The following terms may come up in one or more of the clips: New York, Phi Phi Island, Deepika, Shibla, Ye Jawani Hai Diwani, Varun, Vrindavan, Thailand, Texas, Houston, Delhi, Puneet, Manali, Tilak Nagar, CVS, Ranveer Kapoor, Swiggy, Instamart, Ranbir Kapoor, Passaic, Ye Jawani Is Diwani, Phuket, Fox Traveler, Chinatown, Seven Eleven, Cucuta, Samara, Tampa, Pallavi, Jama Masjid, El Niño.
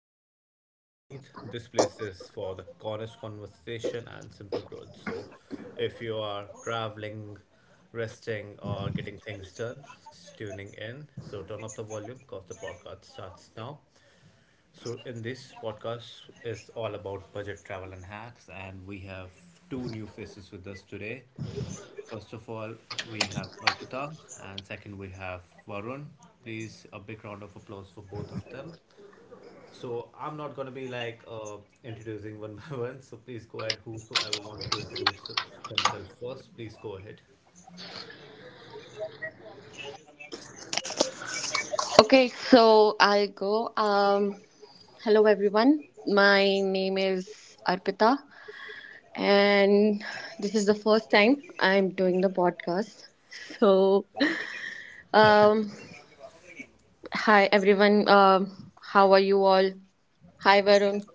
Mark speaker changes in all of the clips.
Speaker 1: I'm your host Puneet. This place is for the honest conversation and simple growth. So, if you are traveling, resting, or getting things done, tuning in. So, turn up the volume because the podcast starts now. So, in this podcast is all about budget travel and hacks, and we have two new faces with us today. First of all, we have Arpita, and second, we have Varun. Please, a big round of applause for both of them. So I'm not gonna be like introducing one by one. So please go ahead. Whosoever wants to introduce themselves first, please go ahead.
Speaker 2: Okay, so I'll go. Hello, everyone. My name is Arpita, and this is the first time I'm doing the podcast. So, um, hi, everyone. How are you all? Hi, Varun.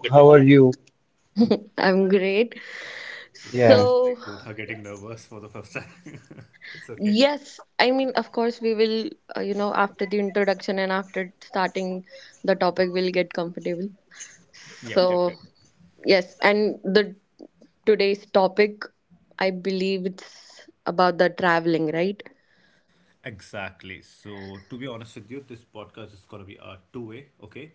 Speaker 3: Hello, how are you?
Speaker 2: I'm great.
Speaker 1: It feels
Speaker 2: So,
Speaker 1: like
Speaker 3: Yeah,
Speaker 1: both are getting nervous for the first time. It's okay.
Speaker 2: yes, I mean, of course, we will, after the introduction and after starting the topic, we'll get comfortable.
Speaker 1: Yep, yep, yep.
Speaker 2: So, yes, and the today's topic, I believe it's about the traveling, right?
Speaker 1: Exactly. So to be honest with you, this podcast is gonna be a two-way. Okay,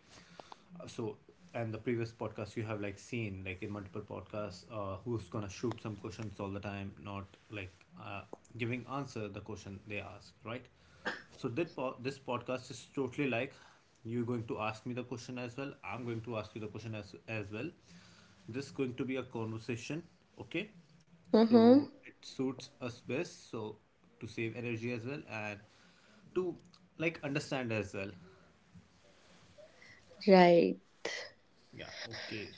Speaker 1: so and the previous podcast you have like seen, like in multiple podcasts, who's gonna shoot some questions all the time, not like uh, giving answer the question they ask, right? So that this podcast is totally like you're going to ask me the question as well, I'm going to ask you the question as well. This is going to be a conversation, okay? So
Speaker 2: Mm-hmm.
Speaker 1: it suits us best, so to save energy as well, and to like understand as well.
Speaker 2: Right.
Speaker 1: Yeah, okay.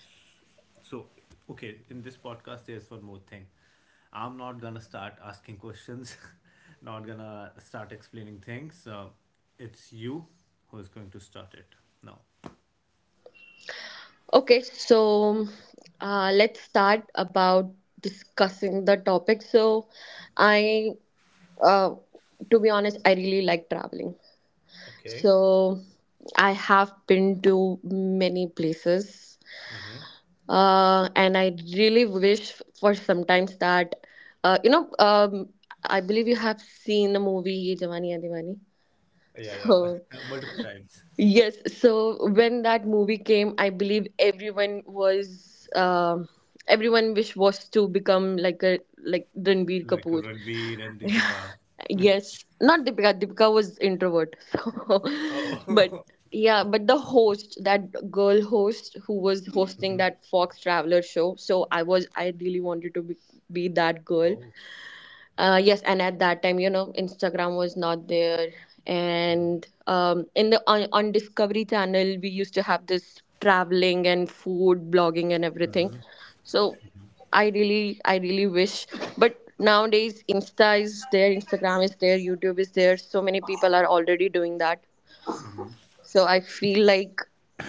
Speaker 1: So, okay, in this podcast, there's one more thing. I'm not gonna start asking questions, not gonna start explaining things. It's you who is going to start it now.
Speaker 2: Okay, so let's start about discussing the topic. So, I, uh, to be honest, I really like traveling.
Speaker 1: Okay.
Speaker 2: So, I have been to many places, and I really wish for sometimes that, uh, you know, um, I believe you have seen the movie Ye Jawani Hai Diwani.
Speaker 1: Yeah,
Speaker 2: So,
Speaker 1: yeah. Multiple times.
Speaker 2: yes, so when that movie came, I believe everyone wish was to become like Ranbir
Speaker 1: Like
Speaker 2: Kapoor.
Speaker 1: Ranveer and
Speaker 2: Yeah.
Speaker 1: Deepika.
Speaker 2: Yes, not Deepika. Deepika was introvert. So, but
Speaker 1: Oh.
Speaker 2: yeah, but the host, that girl host who was hosting that Fox Traveler show. I really wanted to be that girl.
Speaker 1: Oh.
Speaker 2: Yes, and at that time, Instagram was not there, and on Discovery Channel we used to have this traveling and food blogging and everything. So I really wish. But nowadays Insta is there, Instagram is there, YouTube is there, so many people are already doing that. So I feel like,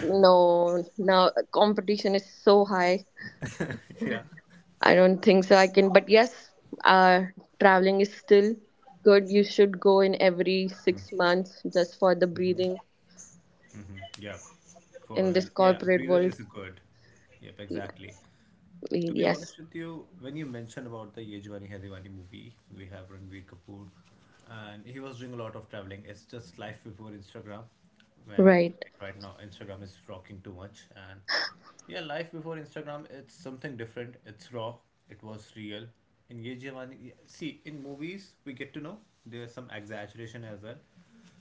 Speaker 2: no, now competition is so high.
Speaker 1: Yeah.
Speaker 2: I don't think so. I can, but yes, uh, traveling is still good. You should go in every 6 months just for the breathing
Speaker 1: Yeah.
Speaker 2: in
Speaker 1: For,
Speaker 2: this
Speaker 1: yeah,
Speaker 2: corporate
Speaker 1: Breather
Speaker 2: world.
Speaker 1: is good. Yep,
Speaker 2: Y-
Speaker 1: exactly. To be honest
Speaker 2: Yes.
Speaker 1: with you, when you mentioned about the Ye Jawani Hai Diwani movie, we have Ranveer Kapoor, and he was doing a lot of traveling. It's just life before Instagram, when
Speaker 2: Right,
Speaker 1: like right now Instagram is rocking too much. And yeah, life before Instagram, it's something different. It's raw. It was real. In Ye Jawani, see, in movies we get to know there's some exaggeration as well,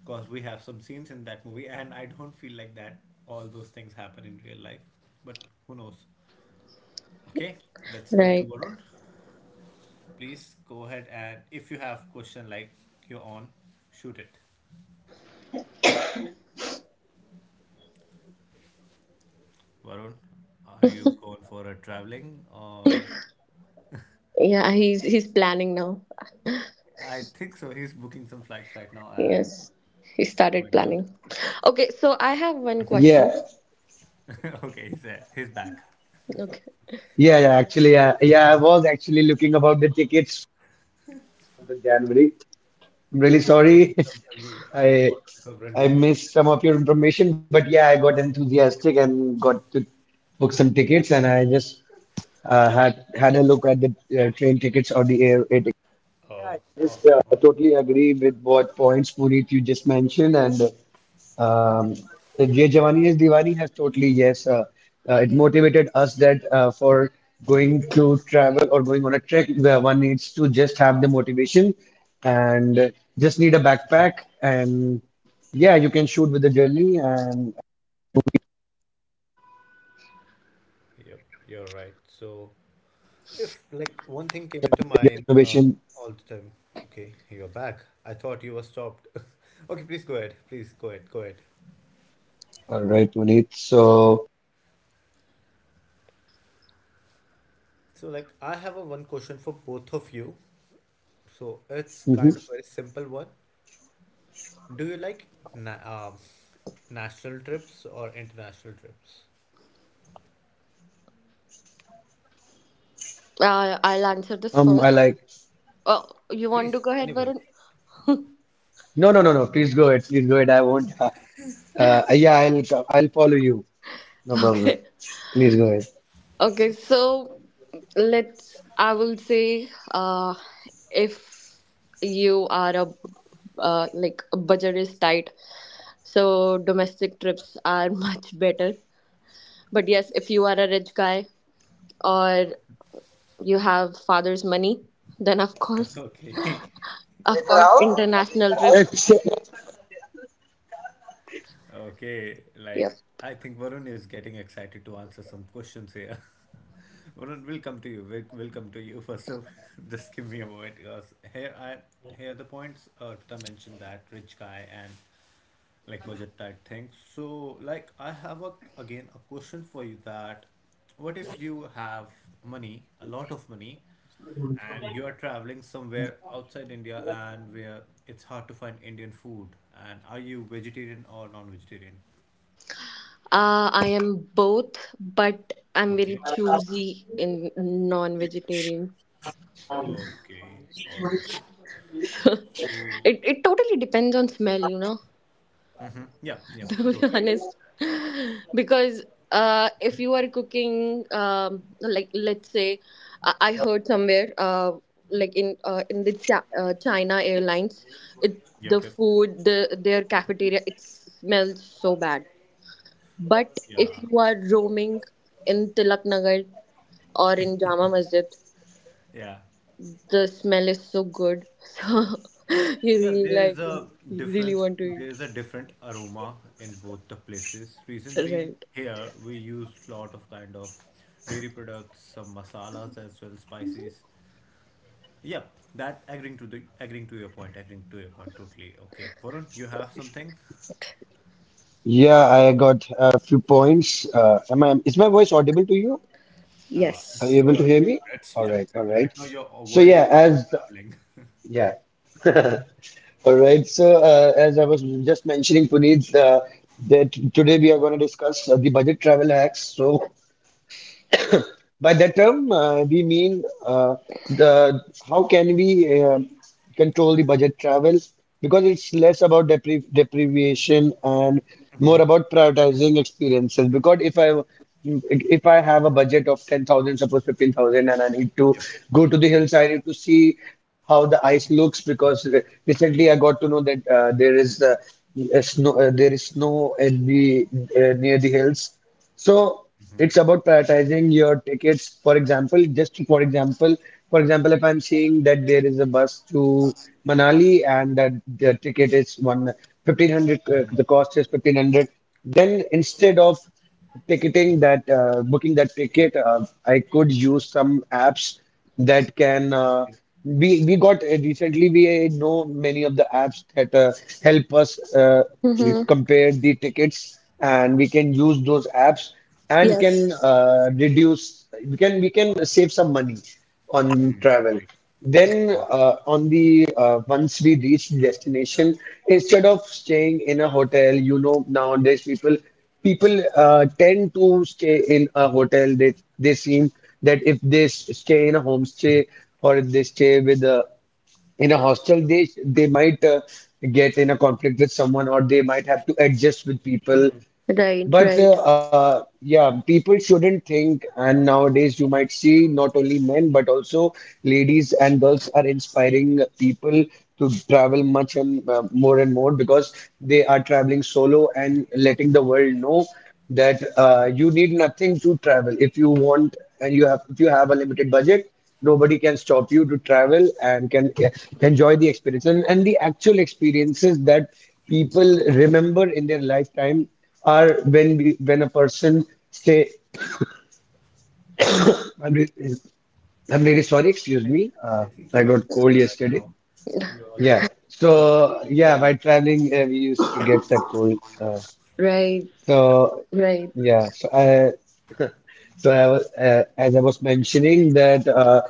Speaker 1: because we have some scenes in that movie, and I don't feel like that all those things happen in real life. But who knows? Okay, let's come to
Speaker 2: right.
Speaker 1: Varun. Please go ahead, and if you have question like your own, shoot it. Varun, are you going for a traveling or?
Speaker 2: Yeah, he's planning now.
Speaker 1: I think so. He's booking some flights right now and
Speaker 2: Yes, he
Speaker 1: oh
Speaker 2: started
Speaker 1: my god.
Speaker 2: planning. Okay, so I have one question.
Speaker 3: yeah,
Speaker 1: Okay, he's there. He's back.
Speaker 2: Okay,
Speaker 3: yeah. I was actually looking about the tickets for the January. I'm really
Speaker 1: What to
Speaker 3: sorry,
Speaker 1: become Ranveer?
Speaker 3: I
Speaker 1: What to become
Speaker 3: I
Speaker 1: Ranveer? Kapoor.
Speaker 3: missed some of your information, but yeah, I got enthusiastic and got to book some tickets, and I just had a look at the train tickets or the air tickets. Yes, yeah,
Speaker 1: Oh,
Speaker 3: I just
Speaker 1: awesome, awesome.
Speaker 3: totally agree with what points Puneet you just mentioned, and um, Ye Jawani Is Diwani has totally it motivated us that for going to travel or going on a trek, where one needs to just have the motivation and just need a backpack, and yeah, you can shoot with the journey and
Speaker 1: Yep, you're right. So if like one
Speaker 3: the
Speaker 1: thing came into
Speaker 3: innovation.
Speaker 1: mind all the time. Okay, you're back. I thought you were stopped. Okay, please go ahead. Please go ahead. Go ahead.
Speaker 3: All right, Puneet. So
Speaker 1: So like I have a one question for both of you. So it's
Speaker 3: mhm.
Speaker 1: kind of a simple one. Do you like na national trips or international trips?
Speaker 2: I'll answer this
Speaker 3: I
Speaker 2: first.
Speaker 3: like.
Speaker 2: Oh, you want to
Speaker 1: Please,
Speaker 2: go ahead,
Speaker 1: anyone.
Speaker 2: Varun?
Speaker 3: No, no, no, no. Please go ahead. Please go ahead. I won't. Yeah, I'll follow you. No problem.
Speaker 2: Okay,
Speaker 3: Please go ahead.
Speaker 2: okay. So let's. I will say. If you are a like a budget is tight, so domestic trips are much better. But yes, if you are a rich guy or you have father's money, then of course
Speaker 1: Okay.
Speaker 2: of course international trips.
Speaker 3: Ex-
Speaker 1: Okay.
Speaker 2: Yeah.
Speaker 1: Like, I think Varun is getting excited to answer some questions here. Varun, we'll come to you. We'll come to you. First of just give me a moment, because here I here the points Arpita mentioned, that rich guy and like budget type thing. So like I have a again a question for you, that what if you have money, a lot of money, and you are traveling somewhere outside India, and where it's hard to find Indian food, and are you vegetarian or non-vegetarian?
Speaker 2: I am both, but I'm very
Speaker 1: Okay.
Speaker 2: choosy in non-vegetarian.
Speaker 1: Okay. All right.
Speaker 2: it,
Speaker 1: So
Speaker 2: it totally depends on smell, you know.
Speaker 1: yeah, yeah,
Speaker 2: To be
Speaker 1: totally agree.
Speaker 2: honest, because if you are cooking, like let's say I heard somewhere like in China Airlines, it the
Speaker 1: Yep, yep.
Speaker 2: food the their cafeteria, it smells so bad. But if
Speaker 1: Yeah,
Speaker 2: you are roaming in Tilak Nagar or in Jama Masjid,
Speaker 1: yeah,
Speaker 2: the smell is so good, so you
Speaker 1: yeah.
Speaker 2: really
Speaker 1: There is
Speaker 2: like
Speaker 1: a
Speaker 2: you really
Speaker 1: difference.
Speaker 2: want to
Speaker 1: There
Speaker 2: eat.
Speaker 1: is a different aroma in both the places. Reason being,
Speaker 2: Right.
Speaker 1: here we use lot of kind of dairy products, some masalas as well, spices. Yeah, that agreeing to the agreeing to your point. Agreeing to your point totally. Okay, Varun, you have something?
Speaker 3: Yeah, I got a few points. Is my voice audible to you? Are
Speaker 1: It's
Speaker 3: you
Speaker 2: Yes.
Speaker 3: able
Speaker 1: good.
Speaker 3: to hear me?
Speaker 1: It's
Speaker 3: All
Speaker 1: tra-
Speaker 3: right, all
Speaker 1: right
Speaker 3: right.
Speaker 1: now your
Speaker 3: So
Speaker 1: voice is
Speaker 3: yeah,
Speaker 1: also
Speaker 3: as
Speaker 1: traveling.
Speaker 3: yeah, So as I was just mentioning, Puneet, that today we are going to discuss the budget travel hacks. So by that term, we mean the how can we control the budget travel because it's less about deprivation and more about prioritizing experiences. Because if I have a budget of 10,000, suppose 15,000, and I need to
Speaker 1: Yep, yep,
Speaker 3: go to the hills, I need to see how the ice looks because recently I got to know that there is snow in the near the hills. So it's about prioritizing your tickets. For example, just for example, For example, if I'm seeing that there is a bus to Manali and that the ticket is one fifteen hundred, the cost is 1500, then instead of booking that ticket, I could use some apps that can
Speaker 1: yep, yep.
Speaker 3: we got recently we know many of the apps that help us we
Speaker 2: Hmm.
Speaker 3: compare the tickets and we can use those apps and can
Speaker 2: Yes.
Speaker 3: reduce we can save some money on
Speaker 1: Right,
Speaker 3: travel. Then
Speaker 1: right.
Speaker 3: on the once we reach destination, instead of staying in a hotel, you know, nowadays people tend to stay in a hotel. They seem that if stay in a homestay, or if they stay with a in a hostel, they might get in a conflict with someone, or they might have to adjust with people.
Speaker 2: Right, right,
Speaker 3: But yeah, people shouldn't think, and nowadays you might see not only men but also ladies and girls are inspiring people to travel much and more and more, because they are traveling solo and letting the world know that you need nothing to travel. If you want and you have If you have a limited budget, nobody can stop you to travel and can enjoy the experience, and the actual experiences that people remember in their lifetime are when a person say I'm, re- I'm really sorry, excuse
Speaker 1: I,
Speaker 3: me.
Speaker 1: I think
Speaker 3: I
Speaker 1: you are in
Speaker 3: got cold
Speaker 1: Shibla right
Speaker 3: yesterday,
Speaker 1: now. You are
Speaker 3: yeah,
Speaker 1: getting you
Speaker 3: so
Speaker 1: getting
Speaker 3: yeah,
Speaker 1: cold.
Speaker 3: by traveling we used to get that cold.
Speaker 2: right,
Speaker 3: So
Speaker 2: right,
Speaker 3: yeah so I So, as I was mentioning, that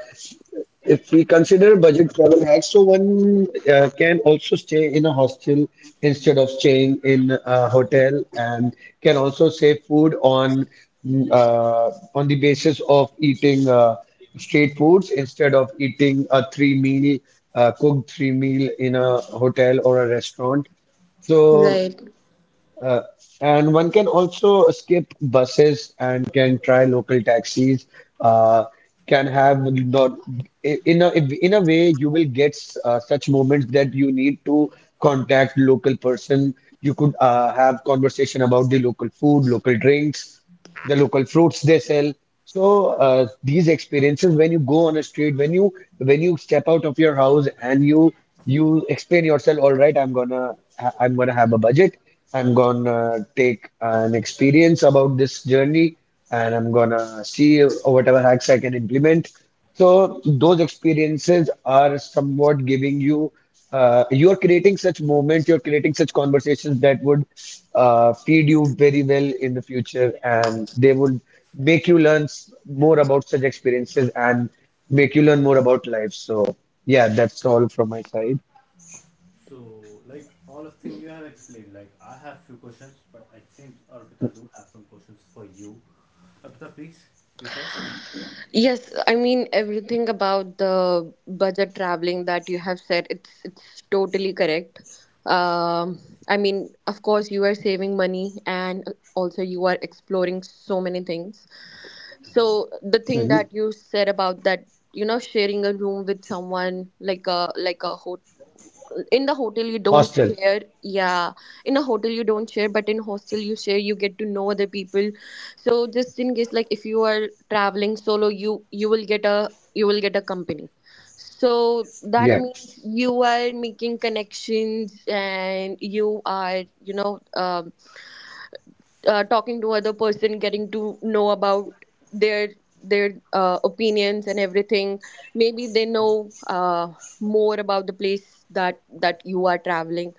Speaker 3: if we consider budget travel hacks, so one can also stay in a hostel instead of staying in a hotel, and can also save food on on the basis of eating street foods instead of eating a three meal cooked three meal in a hotel or a restaurant.
Speaker 2: right.
Speaker 3: So. Uh, and one can also skip buses and can try local taxis. Uh, can have not in a In a way you will get such moments that you need to contact local person. You could have conversation about the local food, local drinks, the local fruits they sell. So these experiences, when you go on a street, when you step out of your house and you explain yourself, all I'm I'm gonna have a budget. I'm gonna take an experience about this journey, and I'm gonna see whatever hacks I can implement. So those experiences are somewhat giving you you're creating such moments, you're creating such conversations that would feed you very well in the future, and they would make you learn more about such experiences and make you learn more about life. So, yeah, that's all from my side.
Speaker 1: So like all of thing you have explained. Like I have few questions, but it seems Arpita do have some questions for you. Arpita, please, you first.
Speaker 2: Yes, I mean everything about the budget traveling that you have said, it's totally correct. Um, I mean, of course, you are saving money, and also you are exploring so many things. So the thing
Speaker 3: Mhm.
Speaker 2: that you said about that, sharing a room with someone like a hotel. In the hotel you don't
Speaker 3: Hostel,
Speaker 2: share, yeah. In a hotel you don't share, but in hostel you share. You get to know other people. So just in case, like if you are traveling solo, you will get a company. So that
Speaker 3: yeah,
Speaker 2: means you are making connections, and you are talking to other person, getting to know about their their opinions and everything. Maybe they know more about the place that you are traveling.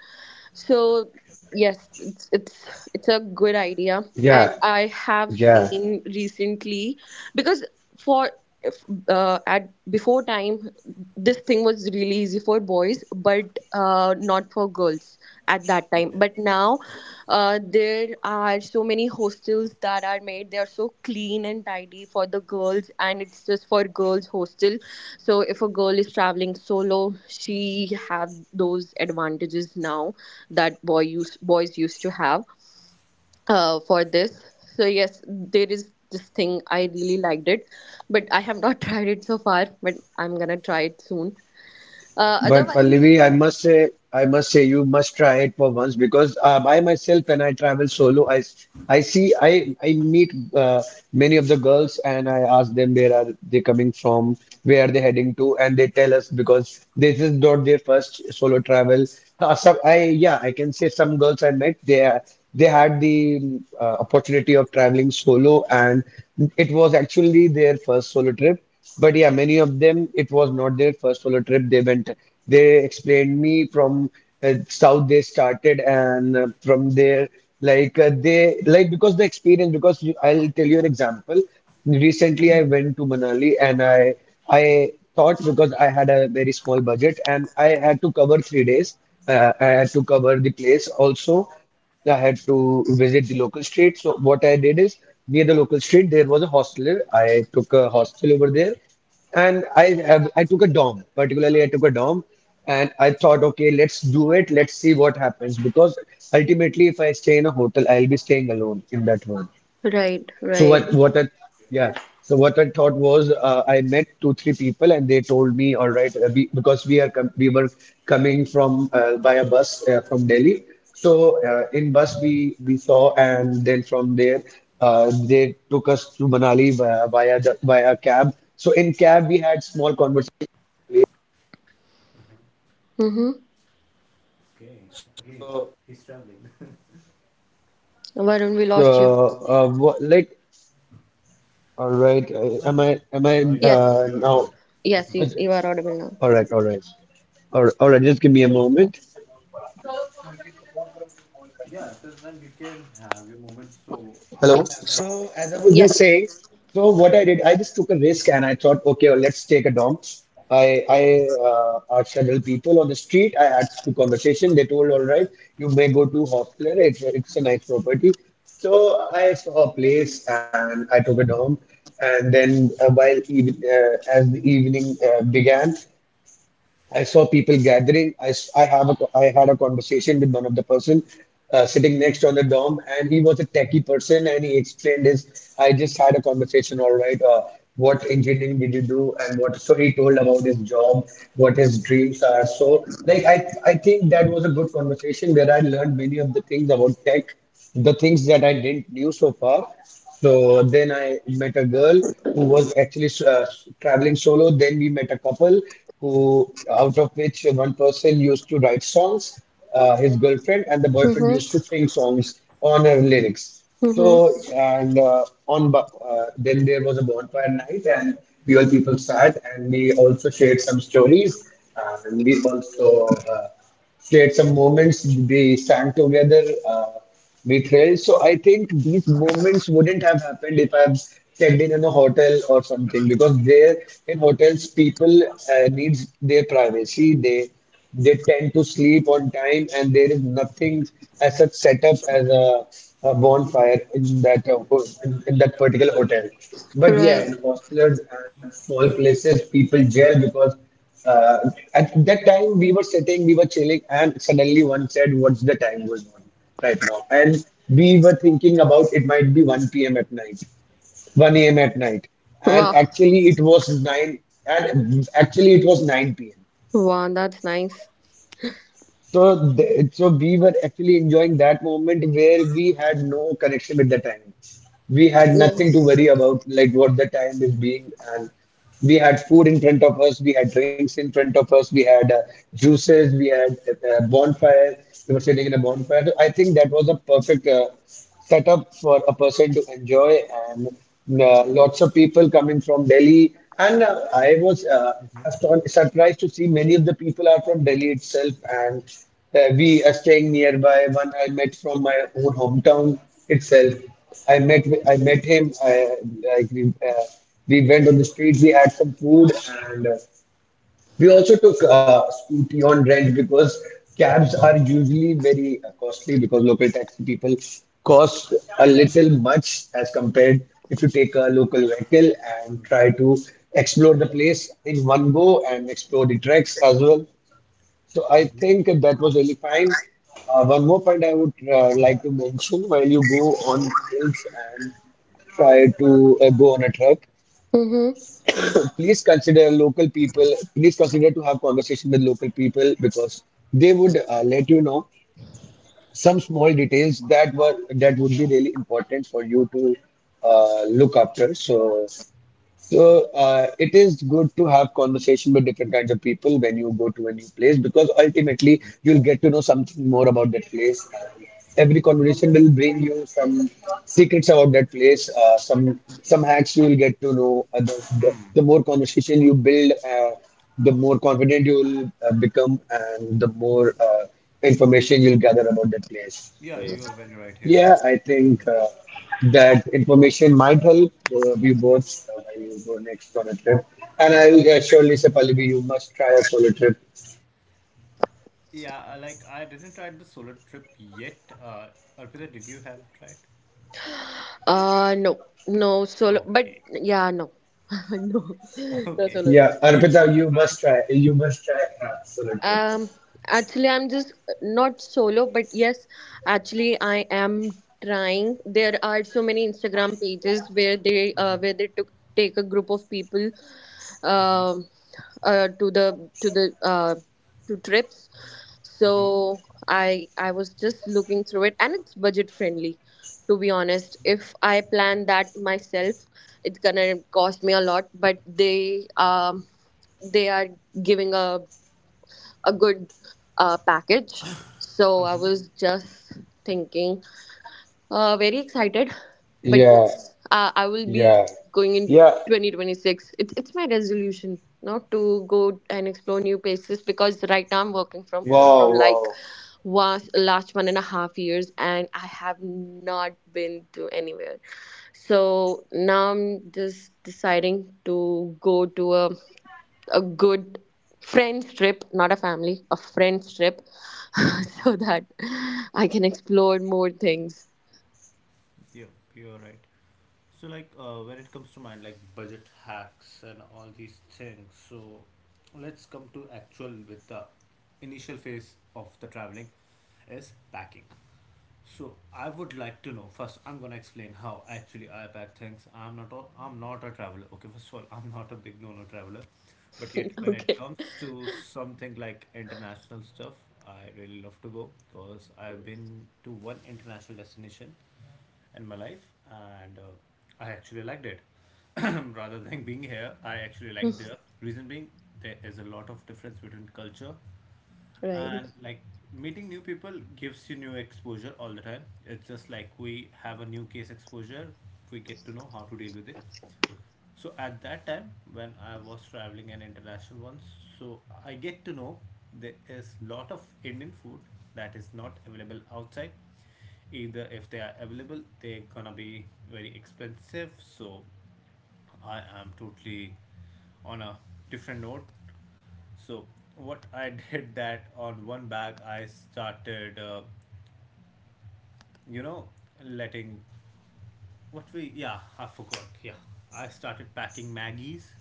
Speaker 1: Uh,
Speaker 2: So yes, it's a good idea,
Speaker 3: yeah,
Speaker 2: and I have
Speaker 3: yeah.
Speaker 2: seen recently. Because for if, At before time, this thing was really easy for boys, but not for girls at that time.
Speaker 1: yes.
Speaker 2: But now,
Speaker 1: Yes.
Speaker 2: there are so many hostels that are made. They are so clean and tidy for the girls, and it's just for girls hostel. So if a girl is traveling solo, she have those advantages now that boys used to have for this. So yes, there is this thing I really liked it, but I have not tried it so far. But I'm gonna try it soon.
Speaker 3: But
Speaker 1: Okay.
Speaker 2: Otherwise,
Speaker 3: Pallavi, I must say, you must try it for once because by myself, when I travel solo, I meet many of the girls and I ask them where are they coming from, where are they heading to, and they tell us because this is not their first solo travel. Some, I Yeah, I can say some girls I met they had the opportunity of traveling solo and it was actually their first solo trip. But yeah, many of them, it was not their first solo trip. They went, they explained me from south they started and from there, like because the experience, because I'll tell you an example. Recently, I went to Manali, and I thought because I had a very small budget and I had to cover 3 days. I had to cover the place also. I had to visit the local street. So what I did is near the local street, there was a hostel. I took a hostel over there, and took a dorm. Particularly, I took a dorm, and I thought, okay, let's do it. Let's see what happens because ultimately, if I stay in a hotel, I'll be staying alone in that one.
Speaker 2: right,
Speaker 3: So
Speaker 2: right.
Speaker 3: what I Yeah. So what I thought was met 2 3 people and they told me, all right, because we were coming from by a bus from Delhi. So in bus we saw, and then from there they took us to Manali via cab. So in cab we had small.
Speaker 2: Mm-hmm.
Speaker 1: Okay. Again, he's traveling.
Speaker 2: Varun, we lost you.
Speaker 1: No,
Speaker 3: Am
Speaker 1: no.
Speaker 3: I
Speaker 1: No, you're
Speaker 2: Yes,
Speaker 1: good.
Speaker 3: now?
Speaker 1: You're good.
Speaker 2: yes, you are
Speaker 3: All
Speaker 2: audible
Speaker 3: right, all
Speaker 2: now.
Speaker 3: right, all right, all right. Just give me a moment.
Speaker 1: Yeah. Till then we can have your moment. So
Speaker 3: Hello.
Speaker 1: I have like
Speaker 3: So as I was just
Speaker 1: yeah.
Speaker 3: saying,
Speaker 2: Yes.
Speaker 3: so what I did, I just took a risk and I thought, okay, well, let's take a dom. I asked several people on the street. I had two conversation. They told, all right, you may go to hostler. It's a nice property. So I saw a place and I took a dom, and then while even as the evening began, I saw people gathering. I I had a conversation with one of the person sitting next on the dorm, and he was a techie person, and he explained his. I just had a conversation, all right. What engineering did you do, and what? So he told about his job, what his dreams are. I think that was a good conversation where I learned many of the things about tech, the things that I didn't knew so far. So then I met a girl who was actually traveling solo. Then we met a couple who, out of which one person used to write songs, his girlfriend, and the boyfriend used to
Speaker 2: Mm-hmm.
Speaker 3: sing songs on her lyrics. So
Speaker 2: Mm-hmm.
Speaker 3: and then there was a bonfire night, and we all people sat, and we also shared some stories, and we also. Shared some moments. We sang together. Uh, we thrilled. So I think these moments wouldn't have happened if I've checked in a hotel or something because there in hotels people needs their privacy. They tend to sleep on time and there is nothing as such set up as a bonfire in that in that particular hotel. But yeah,
Speaker 2: Right.
Speaker 3: in hostels and small places, people jail because uh, at that time we were sitting, we were chilling, and suddenly one said, "What's the time going on?" right now. And we were thinking about it might be 1 p.m. at night, 1 a.m. at night. And
Speaker 2: Wow.
Speaker 3: actually it was 9 and actually it was 9 p.m.
Speaker 2: Wow, that's nice.
Speaker 3: So we were actually enjoying that moment where we had no connection with the time. We had nothing to
Speaker 2: Yes.
Speaker 3: worry about, like what the time is being, and we had food in front of us, we had drinks in front of us, we had juices, we had bonfire. We were sitting in a bonfire. So I think that was a perfect setup for a person to enjoy. And lots of people coming from Delhi, and I was surprised to see many of the people are from Delhi itself, and we are staying nearby. One I met from my own hometown itself. I met him. I we, uh, we went on the street. We had some food, and we also took scooty on rent because cabs are usually very costly, because local taxi people cost a little much. As compared, if you take a local vehicle and try to explore the place in one go and explore the treks as well. So I
Speaker 1: Mm-hmm.
Speaker 3: think that was really fine. One more point I would like to mention: while you go on hills and try to go on a trek,
Speaker 2: Mm-hmm.
Speaker 3: please consider local people, please consider to have conversation with local people, because they would let you know some small details that were that would be really important for you to look after. So it is good to have conversation with different kinds of people when you go to a new place, because ultimately you'll get to know something more about that place. And every conversation will bring you some secrets about that place, some hacks you will get to know. The more conversation you build, the more confident you will become, and the more information you'll gather about that place.
Speaker 1: Yeah,
Speaker 3: So.
Speaker 1: you are very right here.
Speaker 3: Yeah, I
Speaker 1: You're very
Speaker 3: think
Speaker 1: right.
Speaker 3: that information might help you both when you go next on a trip. And I will surely say, Pallavi, you must try a solo trip.
Speaker 1: Yeah, like I didn't try the solo trip yet. Arpita, did you have tried?
Speaker 2: No, no solo, but
Speaker 1: Okay,
Speaker 2: yeah, no, no, no
Speaker 1: okay.
Speaker 2: solo.
Speaker 3: Yeah,
Speaker 1: You want
Speaker 3: Arpita,
Speaker 1: to
Speaker 3: you
Speaker 1: try?
Speaker 3: must try. You must try
Speaker 1: Yeah.
Speaker 3: a solo trip.
Speaker 2: Um, Actually, I'm just not solo, but yes, actually, I am trying. There are so many Instagram pages where they took take a group of people,
Speaker 1: Mm-hmm.
Speaker 2: um uh, to the to the uh, to trips.
Speaker 1: Mm-hmm.
Speaker 2: So I was just looking through it, and it's budget friendly. To be honest, if I plan that myself, it's gonna cost me a lot. But they are giving a good package. So I was just thinking, very excited. But
Speaker 3: Yeah,
Speaker 2: yes, I will be
Speaker 3: yeah,
Speaker 2: going in
Speaker 3: yeah.
Speaker 2: 2026. It's my resolution not to go and explore new places, because right now I'm working from home
Speaker 1: Yeah,
Speaker 3: Wow,
Speaker 2: from like
Speaker 3: wow.
Speaker 2: was last 1.5 years, and I have not been to anywhere. So now I'm just deciding to go to a good friends trip, not a family, a friends trip, so that I can explore more things.
Speaker 1: you you're right. So like when it comes to mind like budget hacks and all these things, so let's come to actual with the initial phase of the traveling is packing. So I would like to know first. I'm gonna explain how actually I pack things. I'm not a traveler. Okay, first of all, I'm not a big no-no traveler, but yet when it
Speaker 2: Okay.
Speaker 1: comes to something like international stuff, I really love to go because I've been to one international destination in my life, and I actually liked it. Rather than being here, I actually liked there. Reason being, there is a lot of difference between culture
Speaker 2: Right.
Speaker 1: and like meeting new people gives you new exposure all the time. It's just like we have a new case exposure. We get to know how to deal with it. So at that time when I was traveling an international once, so I get to know there is lot of Indian food that is not available outside. Either if they are available, they're gonna be very expensive. So I am totally on a different note. So what I did that on one bag, I started you know, letting what we yeah, I forgot. Yeah. I started packing Maggie's,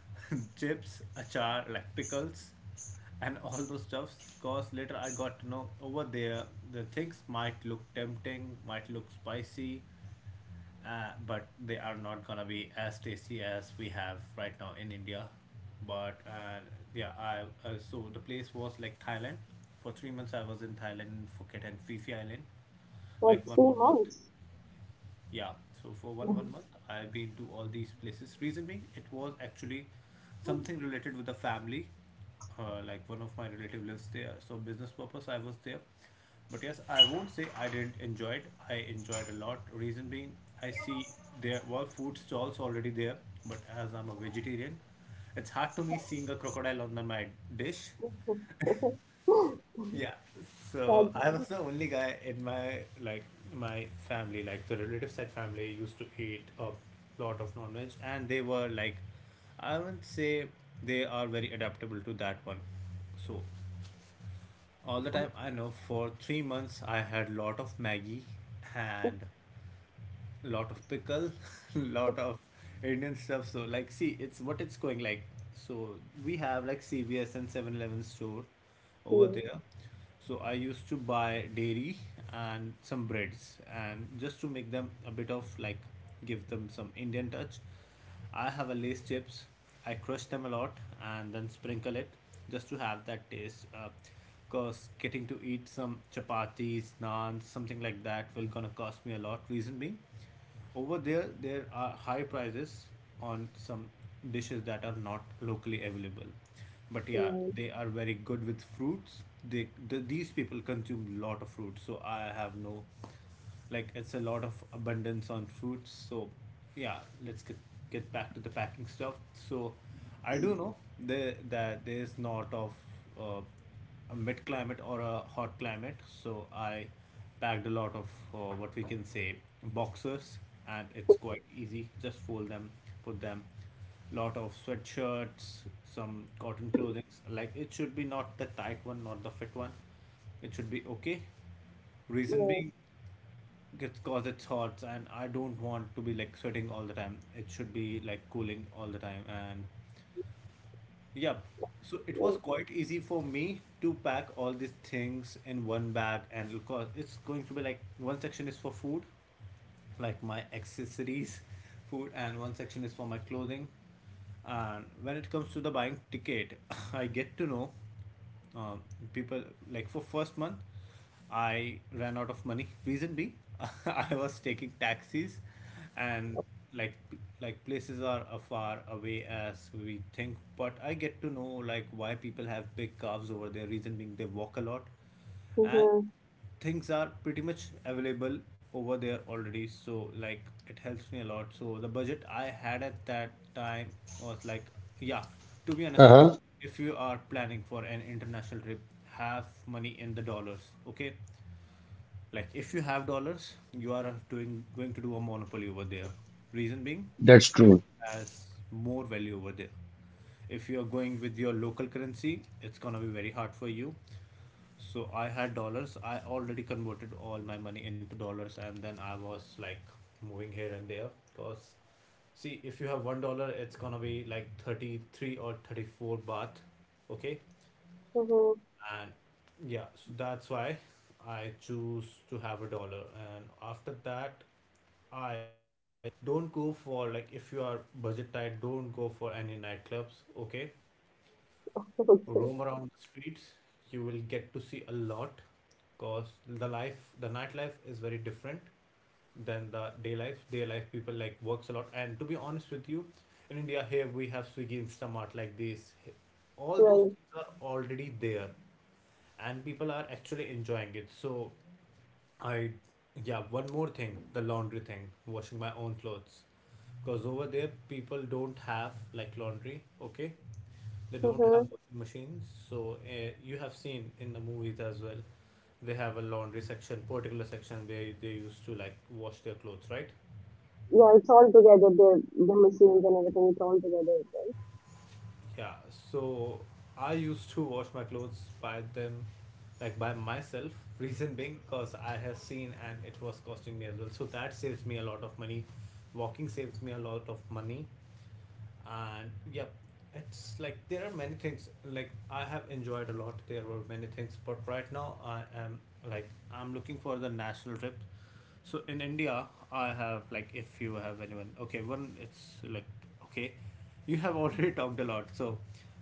Speaker 1: chips, achar, like pickles and all those stuffs, because later I got to know over there the things might look tempting, might look spicy, but they are not gonna be as tasty as we have right now in India. But yeah, I so the place was like Thailand. For 3 months, I was in Thailand, Phuket, and Phi Phi Island,
Speaker 2: For
Speaker 1: like one more
Speaker 2: three
Speaker 1: month.
Speaker 2: months.
Speaker 1: Yeah, so for one month, I've been to all these places. Reason being, it was actually something related with the family. Like one of my relative lives there, so business purpose I was there. But yes, I won't say I didn't enjoy it. I enjoyed a lot. Reason being, I see there were food stalls already there, but as I'm a vegetarian, it's hard to me seeing a crocodile on my dish.
Speaker 2: That's
Speaker 1: Yeah. So I was the only guy in my like my family, like the relative side family used to eat a lot of non-veg, and they were like, I would say they are very adaptable to that one. So all the time I know for 3 months I had lot of Maggie
Speaker 2: six
Speaker 1: and lot of pickle, lot of Indian stuff. So like, see, it's what it's going like. So we have like CVS and 7-Eleven store over
Speaker 2: years.
Speaker 1: there. So I used to buy dairy and some breads, and just to make them a bit of like, give them some Indian touch. I have a lace chips. I crush them a lot and then sprinkle it just to have that taste. Because Cause getting to eat some chapatis, naans, something like that will gonna cost me a lot. Reason being, over there there are high prices on some dishes that are not locally available, but yeah, they are very good with fruits. They these people consume lot of fruits, so I have no like it's a lot of abundance on fruits. So yeah, let's get back to the packing stuff. So I do know there that there is not of uh, a mid climate or a hot climate. So I packed a lot of what we can say boxers, and it's quite easy, just fold them, put them, lot of sweatshirts, some cotton clothing, like it should be not the tight one, not the fit one, it should be okay.
Speaker 2: Right,
Speaker 1: Reason
Speaker 2: right,
Speaker 1: being, it's cause it's hot, and I don't want to be like sweating all the time. It should be like cooling all the time, and yeah. So it was
Speaker 2: right.
Speaker 1: quite easy for me to pack all these things in one bag, and of course, it's going to be like one section is for food, like my accessories, food, and one section is for my clothing. And when it comes to the buying ticket, I get to know um, people like for first month, I ran out of money. Reason being, I was taking taxis, and like like places are far away as we think. But I get to know like why people have big calves over there. Reason being, they walk a lot, and
Speaker 2: Mhm,
Speaker 1: things are pretty much available over there already, so like it helps me a lot. So the budget I had at that time was like, yeah, to be honest with you,
Speaker 3: Uh-huh.
Speaker 1: if you are planning for an international trip, have money in the dollars, okay? Like if you have dollars, you are doing going to do a monopoly over there. Reason being,
Speaker 3: That's
Speaker 1: dollar
Speaker 3: true.
Speaker 1: has more value over there. If you are going with your local currency, it's gonna be very hard for you. So I had dollars. I already converted all my money into dollars, and then I was like moving here and there. Cause see, if you have $1, it's gonna be like 33 or 34 baht, okay?
Speaker 2: mhm.
Speaker 1: And yeah, so that's why I choose to have a dollar. And after that, I don't go for, like, if you are budget tight, don't go for any nightclubs, okay? Roam around the
Speaker 2: Okay,
Speaker 1: streets, you will get to see a lot, because the nightlife is very different than the Day life people like works a lot. And to be honest with you, in India here we have Swiggy Instamart, like this, all those
Speaker 2: right.
Speaker 1: things are already there, and people are actually enjoying it. So I yeah, one more thing, the laundry thing, washing my own clothes, because over there people don't have like laundry, okay? They don't have
Speaker 2: Mhm.
Speaker 1: washing machines. So you have seen in the movies as well, they have a laundry section, particular section where they used to like wash their clothes, right?
Speaker 2: Yeah, it's all together. The machines and everything. It's all together, right?
Speaker 1: Yeah, so I used to wash my clothes by them, like by myself. Reason being, cause I have seen, and it was costing me as well. So that saves me a lot of money. Walking saves me a lot of money, and yep, it's like there are many things. Like I have enjoyed a lot. There were many things, but right now I am I'm looking for the national trip. So in India, I have like, if you have anyone, okay, one, it's like, okay, you have already talked a lot. So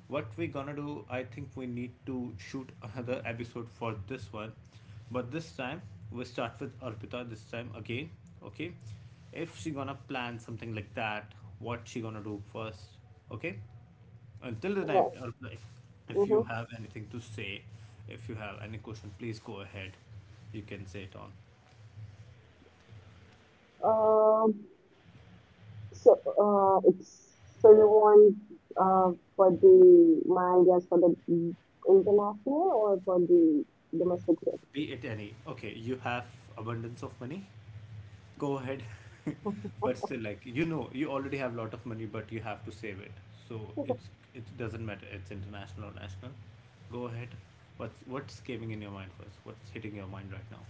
Speaker 1: what we gonna do? I think we need to shoot another episode for this one, but this time we start with Arpita. This time again, okay, if she gonna plan something like that, what she gonna do first, okay? Until the time, Arpita, if
Speaker 2: Yeah.
Speaker 1: if you
Speaker 2: Mhm.
Speaker 1: have anything to say, if you have any question, please go ahead. You can say it on.
Speaker 2: Um. So, it's so you want for the mangas, for the international or for the domestic?
Speaker 1: Be it any. Okay, you have abundance of money. Go ahead. But still, like, you already have a lot of money, but you have to save it. So it's it doesn't matter, it's international or national. Go ahead. What's caving in your mind first? What's hitting your mind right now?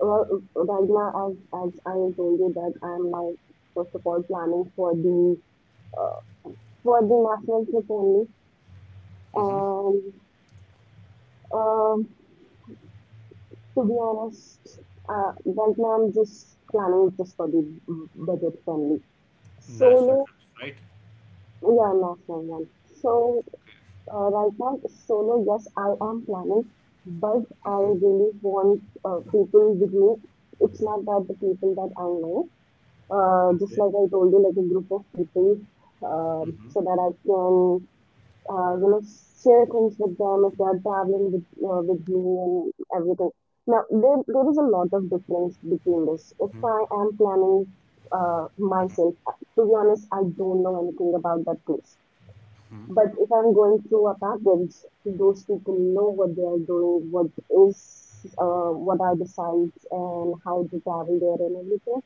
Speaker 2: Well, right now, as I told you that I'm now first of all planning for uh, the national trip only,
Speaker 1: Mm-hmm.
Speaker 2: and um, to be honest, right now I'm just planning just for the budget friendly
Speaker 1: National
Speaker 2: solo.
Speaker 1: trips, right?
Speaker 2: Yeah, national one. So right now solo, yes, I am planning, but I
Speaker 1: Mm-hmm.
Speaker 2: really want people with me. It's not that the people that I know. Just
Speaker 1: Okay.
Speaker 2: like I told you, like a group of people,
Speaker 1: Mm-hmm.
Speaker 2: so that I can, share things with them if they're traveling with me and everything. Now, there is a lot of difference between this. If
Speaker 1: Mm-hmm.
Speaker 2: I am planning myself, to be honest, I don't know anything about that place.
Speaker 1: Mm-hmm.
Speaker 2: But if I'm going through a package, those people know what they are doing, what are the sites and how to travel there and everything.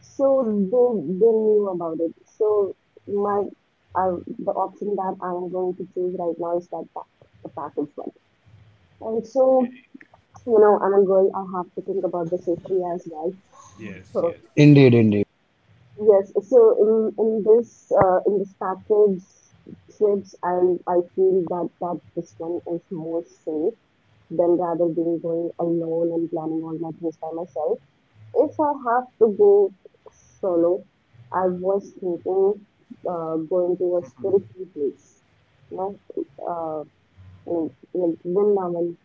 Speaker 2: So they knew about it. So my the option that I'm going to choose right now is the package one.
Speaker 1: Okay.
Speaker 2: Also, you know, I'm going. I have to think about the safety as well.
Speaker 1: Yes,
Speaker 2: So
Speaker 1: yes.
Speaker 3: Indeed, indeed.
Speaker 2: yes, so in this package trips, I feel that this one is more safe than rather than going alone and planning all my things by myself. If I have to go solo, I was thinking going to a spiritual place. No, uh, I mean, like Vrindavan.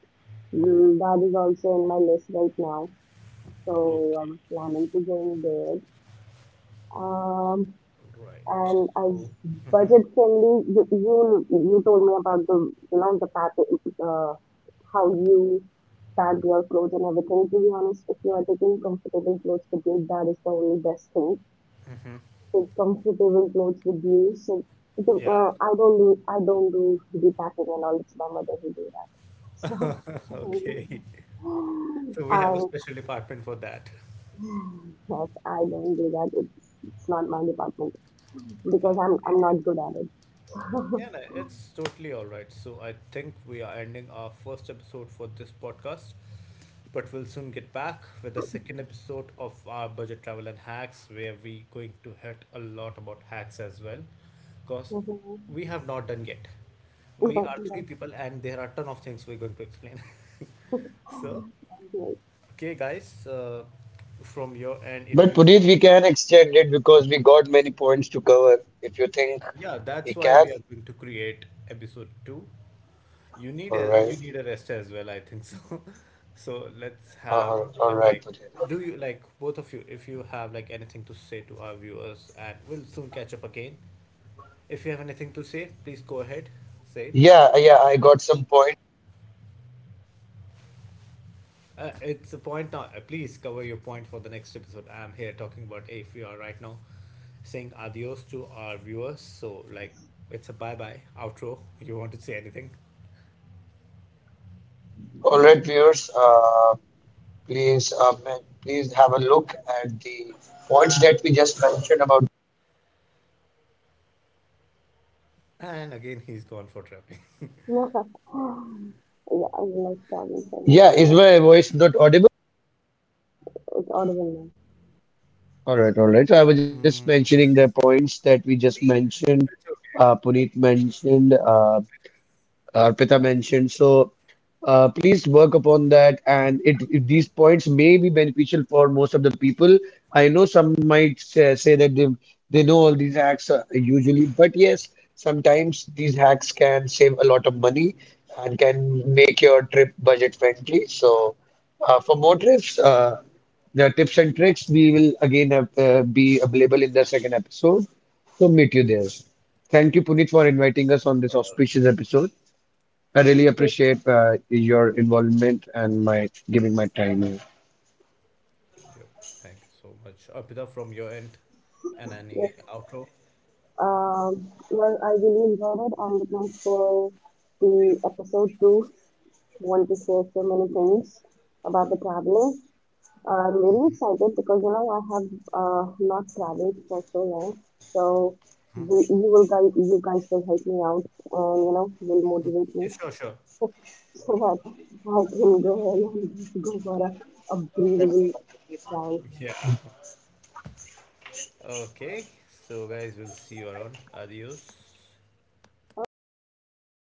Speaker 2: That is also in my list right now, so I
Speaker 1: Okay.
Speaker 2: was planning to go there. Um,
Speaker 1: So, right.
Speaker 2: and as
Speaker 1: So, hmm,
Speaker 2: budget friendly, you told me about the pattern, uh, how you pack your clothes and everything. To be honest, if you are taking comfortable clothes with you, that is the only best thing.
Speaker 1: hmm,
Speaker 2: Take comfortable clothes with you. So
Speaker 1: yeah.
Speaker 2: I don't do the packing and all. It's my mother who do that. So
Speaker 1: Okay. So we
Speaker 2: I
Speaker 1: have a special department for that.
Speaker 2: yes, I don't do that. It's not my department because
Speaker 1: Uh,
Speaker 2: I'm not good at it.
Speaker 1: yeah, no, it's totally all right. So I think we are ending our first episode for this podcast, but we'll soon get back with the second episode of our budget travel and hacks, where we going to hit a lot about hacks as well, because
Speaker 2: Mhm.
Speaker 1: we have not done yet. We
Speaker 2: But
Speaker 1: are three
Speaker 2: yes.
Speaker 1: people, and there are ton of things we're going to explain.
Speaker 2: Yes,
Speaker 1: So,
Speaker 2: that's great.
Speaker 1: okay, guys, from your end, if
Speaker 3: But
Speaker 1: you
Speaker 3: Puneet,
Speaker 1: want.
Speaker 3: we can extend it because we got many points to cover. If you think
Speaker 1: Yeah,
Speaker 3: we
Speaker 1: that's why
Speaker 3: can,
Speaker 1: we are going to create episode two. You need
Speaker 3: all
Speaker 1: a
Speaker 3: right.
Speaker 1: you need a rest as well, I think so. So let's have,
Speaker 3: All
Speaker 1: like,
Speaker 3: right, Puneet.
Speaker 1: do you, like, both of you, if you have like anything to say to our viewers, and we'll soon catch up again. If you have anything to say, please go ahead, say it.
Speaker 3: Yeah, yeah, I got some point.
Speaker 1: It's a point now. Please cover your point for the next episode. I'm here talking about, if we are right now saying adios to our viewers. So like it's a bye bye outro. You want to say anything?
Speaker 3: All right, viewers, please have a look at the points that we just mentioned about.
Speaker 1: And again, he's gone for trapping.
Speaker 2: No, yeah, I love traveling so much.
Speaker 3: Yeah, is
Speaker 2: But
Speaker 3: my voice not audible?
Speaker 2: it's audible
Speaker 3: All right, all right. So I was just mentioning the points that we just mentioned.
Speaker 1: It's okay.
Speaker 3: Puneet mentioned. Arpita mentioned. So please work upon that, and it these points may be beneficial for most of the people. I know some might say that they know all these hacks usually, but yes, sometimes these hacks can save a lot of money and can make your trip budget friendly. So for more trips, the tips and tricks we will again have, be available in the second episode. So meet you there. Thank you, Puneet, for inviting us on this auspicious episode. I really
Speaker 2: now. Yes.
Speaker 3: appreciate your involvement and my giving my time here.
Speaker 1: Yep. Thank you so much. Apita, from your end, and
Speaker 2: Yes.
Speaker 1: any outro?
Speaker 2: Well, I really enjoyed it. I'm looking for the episode two. Want to share so many things about the traveling. I'm really excited because you know I have not traveled for so long. So you guys will help me out, and you know will motivate me.
Speaker 1: Yeah, sure, sure.
Speaker 2: So that I can go and just go for a breathable dive.
Speaker 1: Yeah. Okay. So, guys, we'll see you around. Adios.
Speaker 2: Okay, bye bye.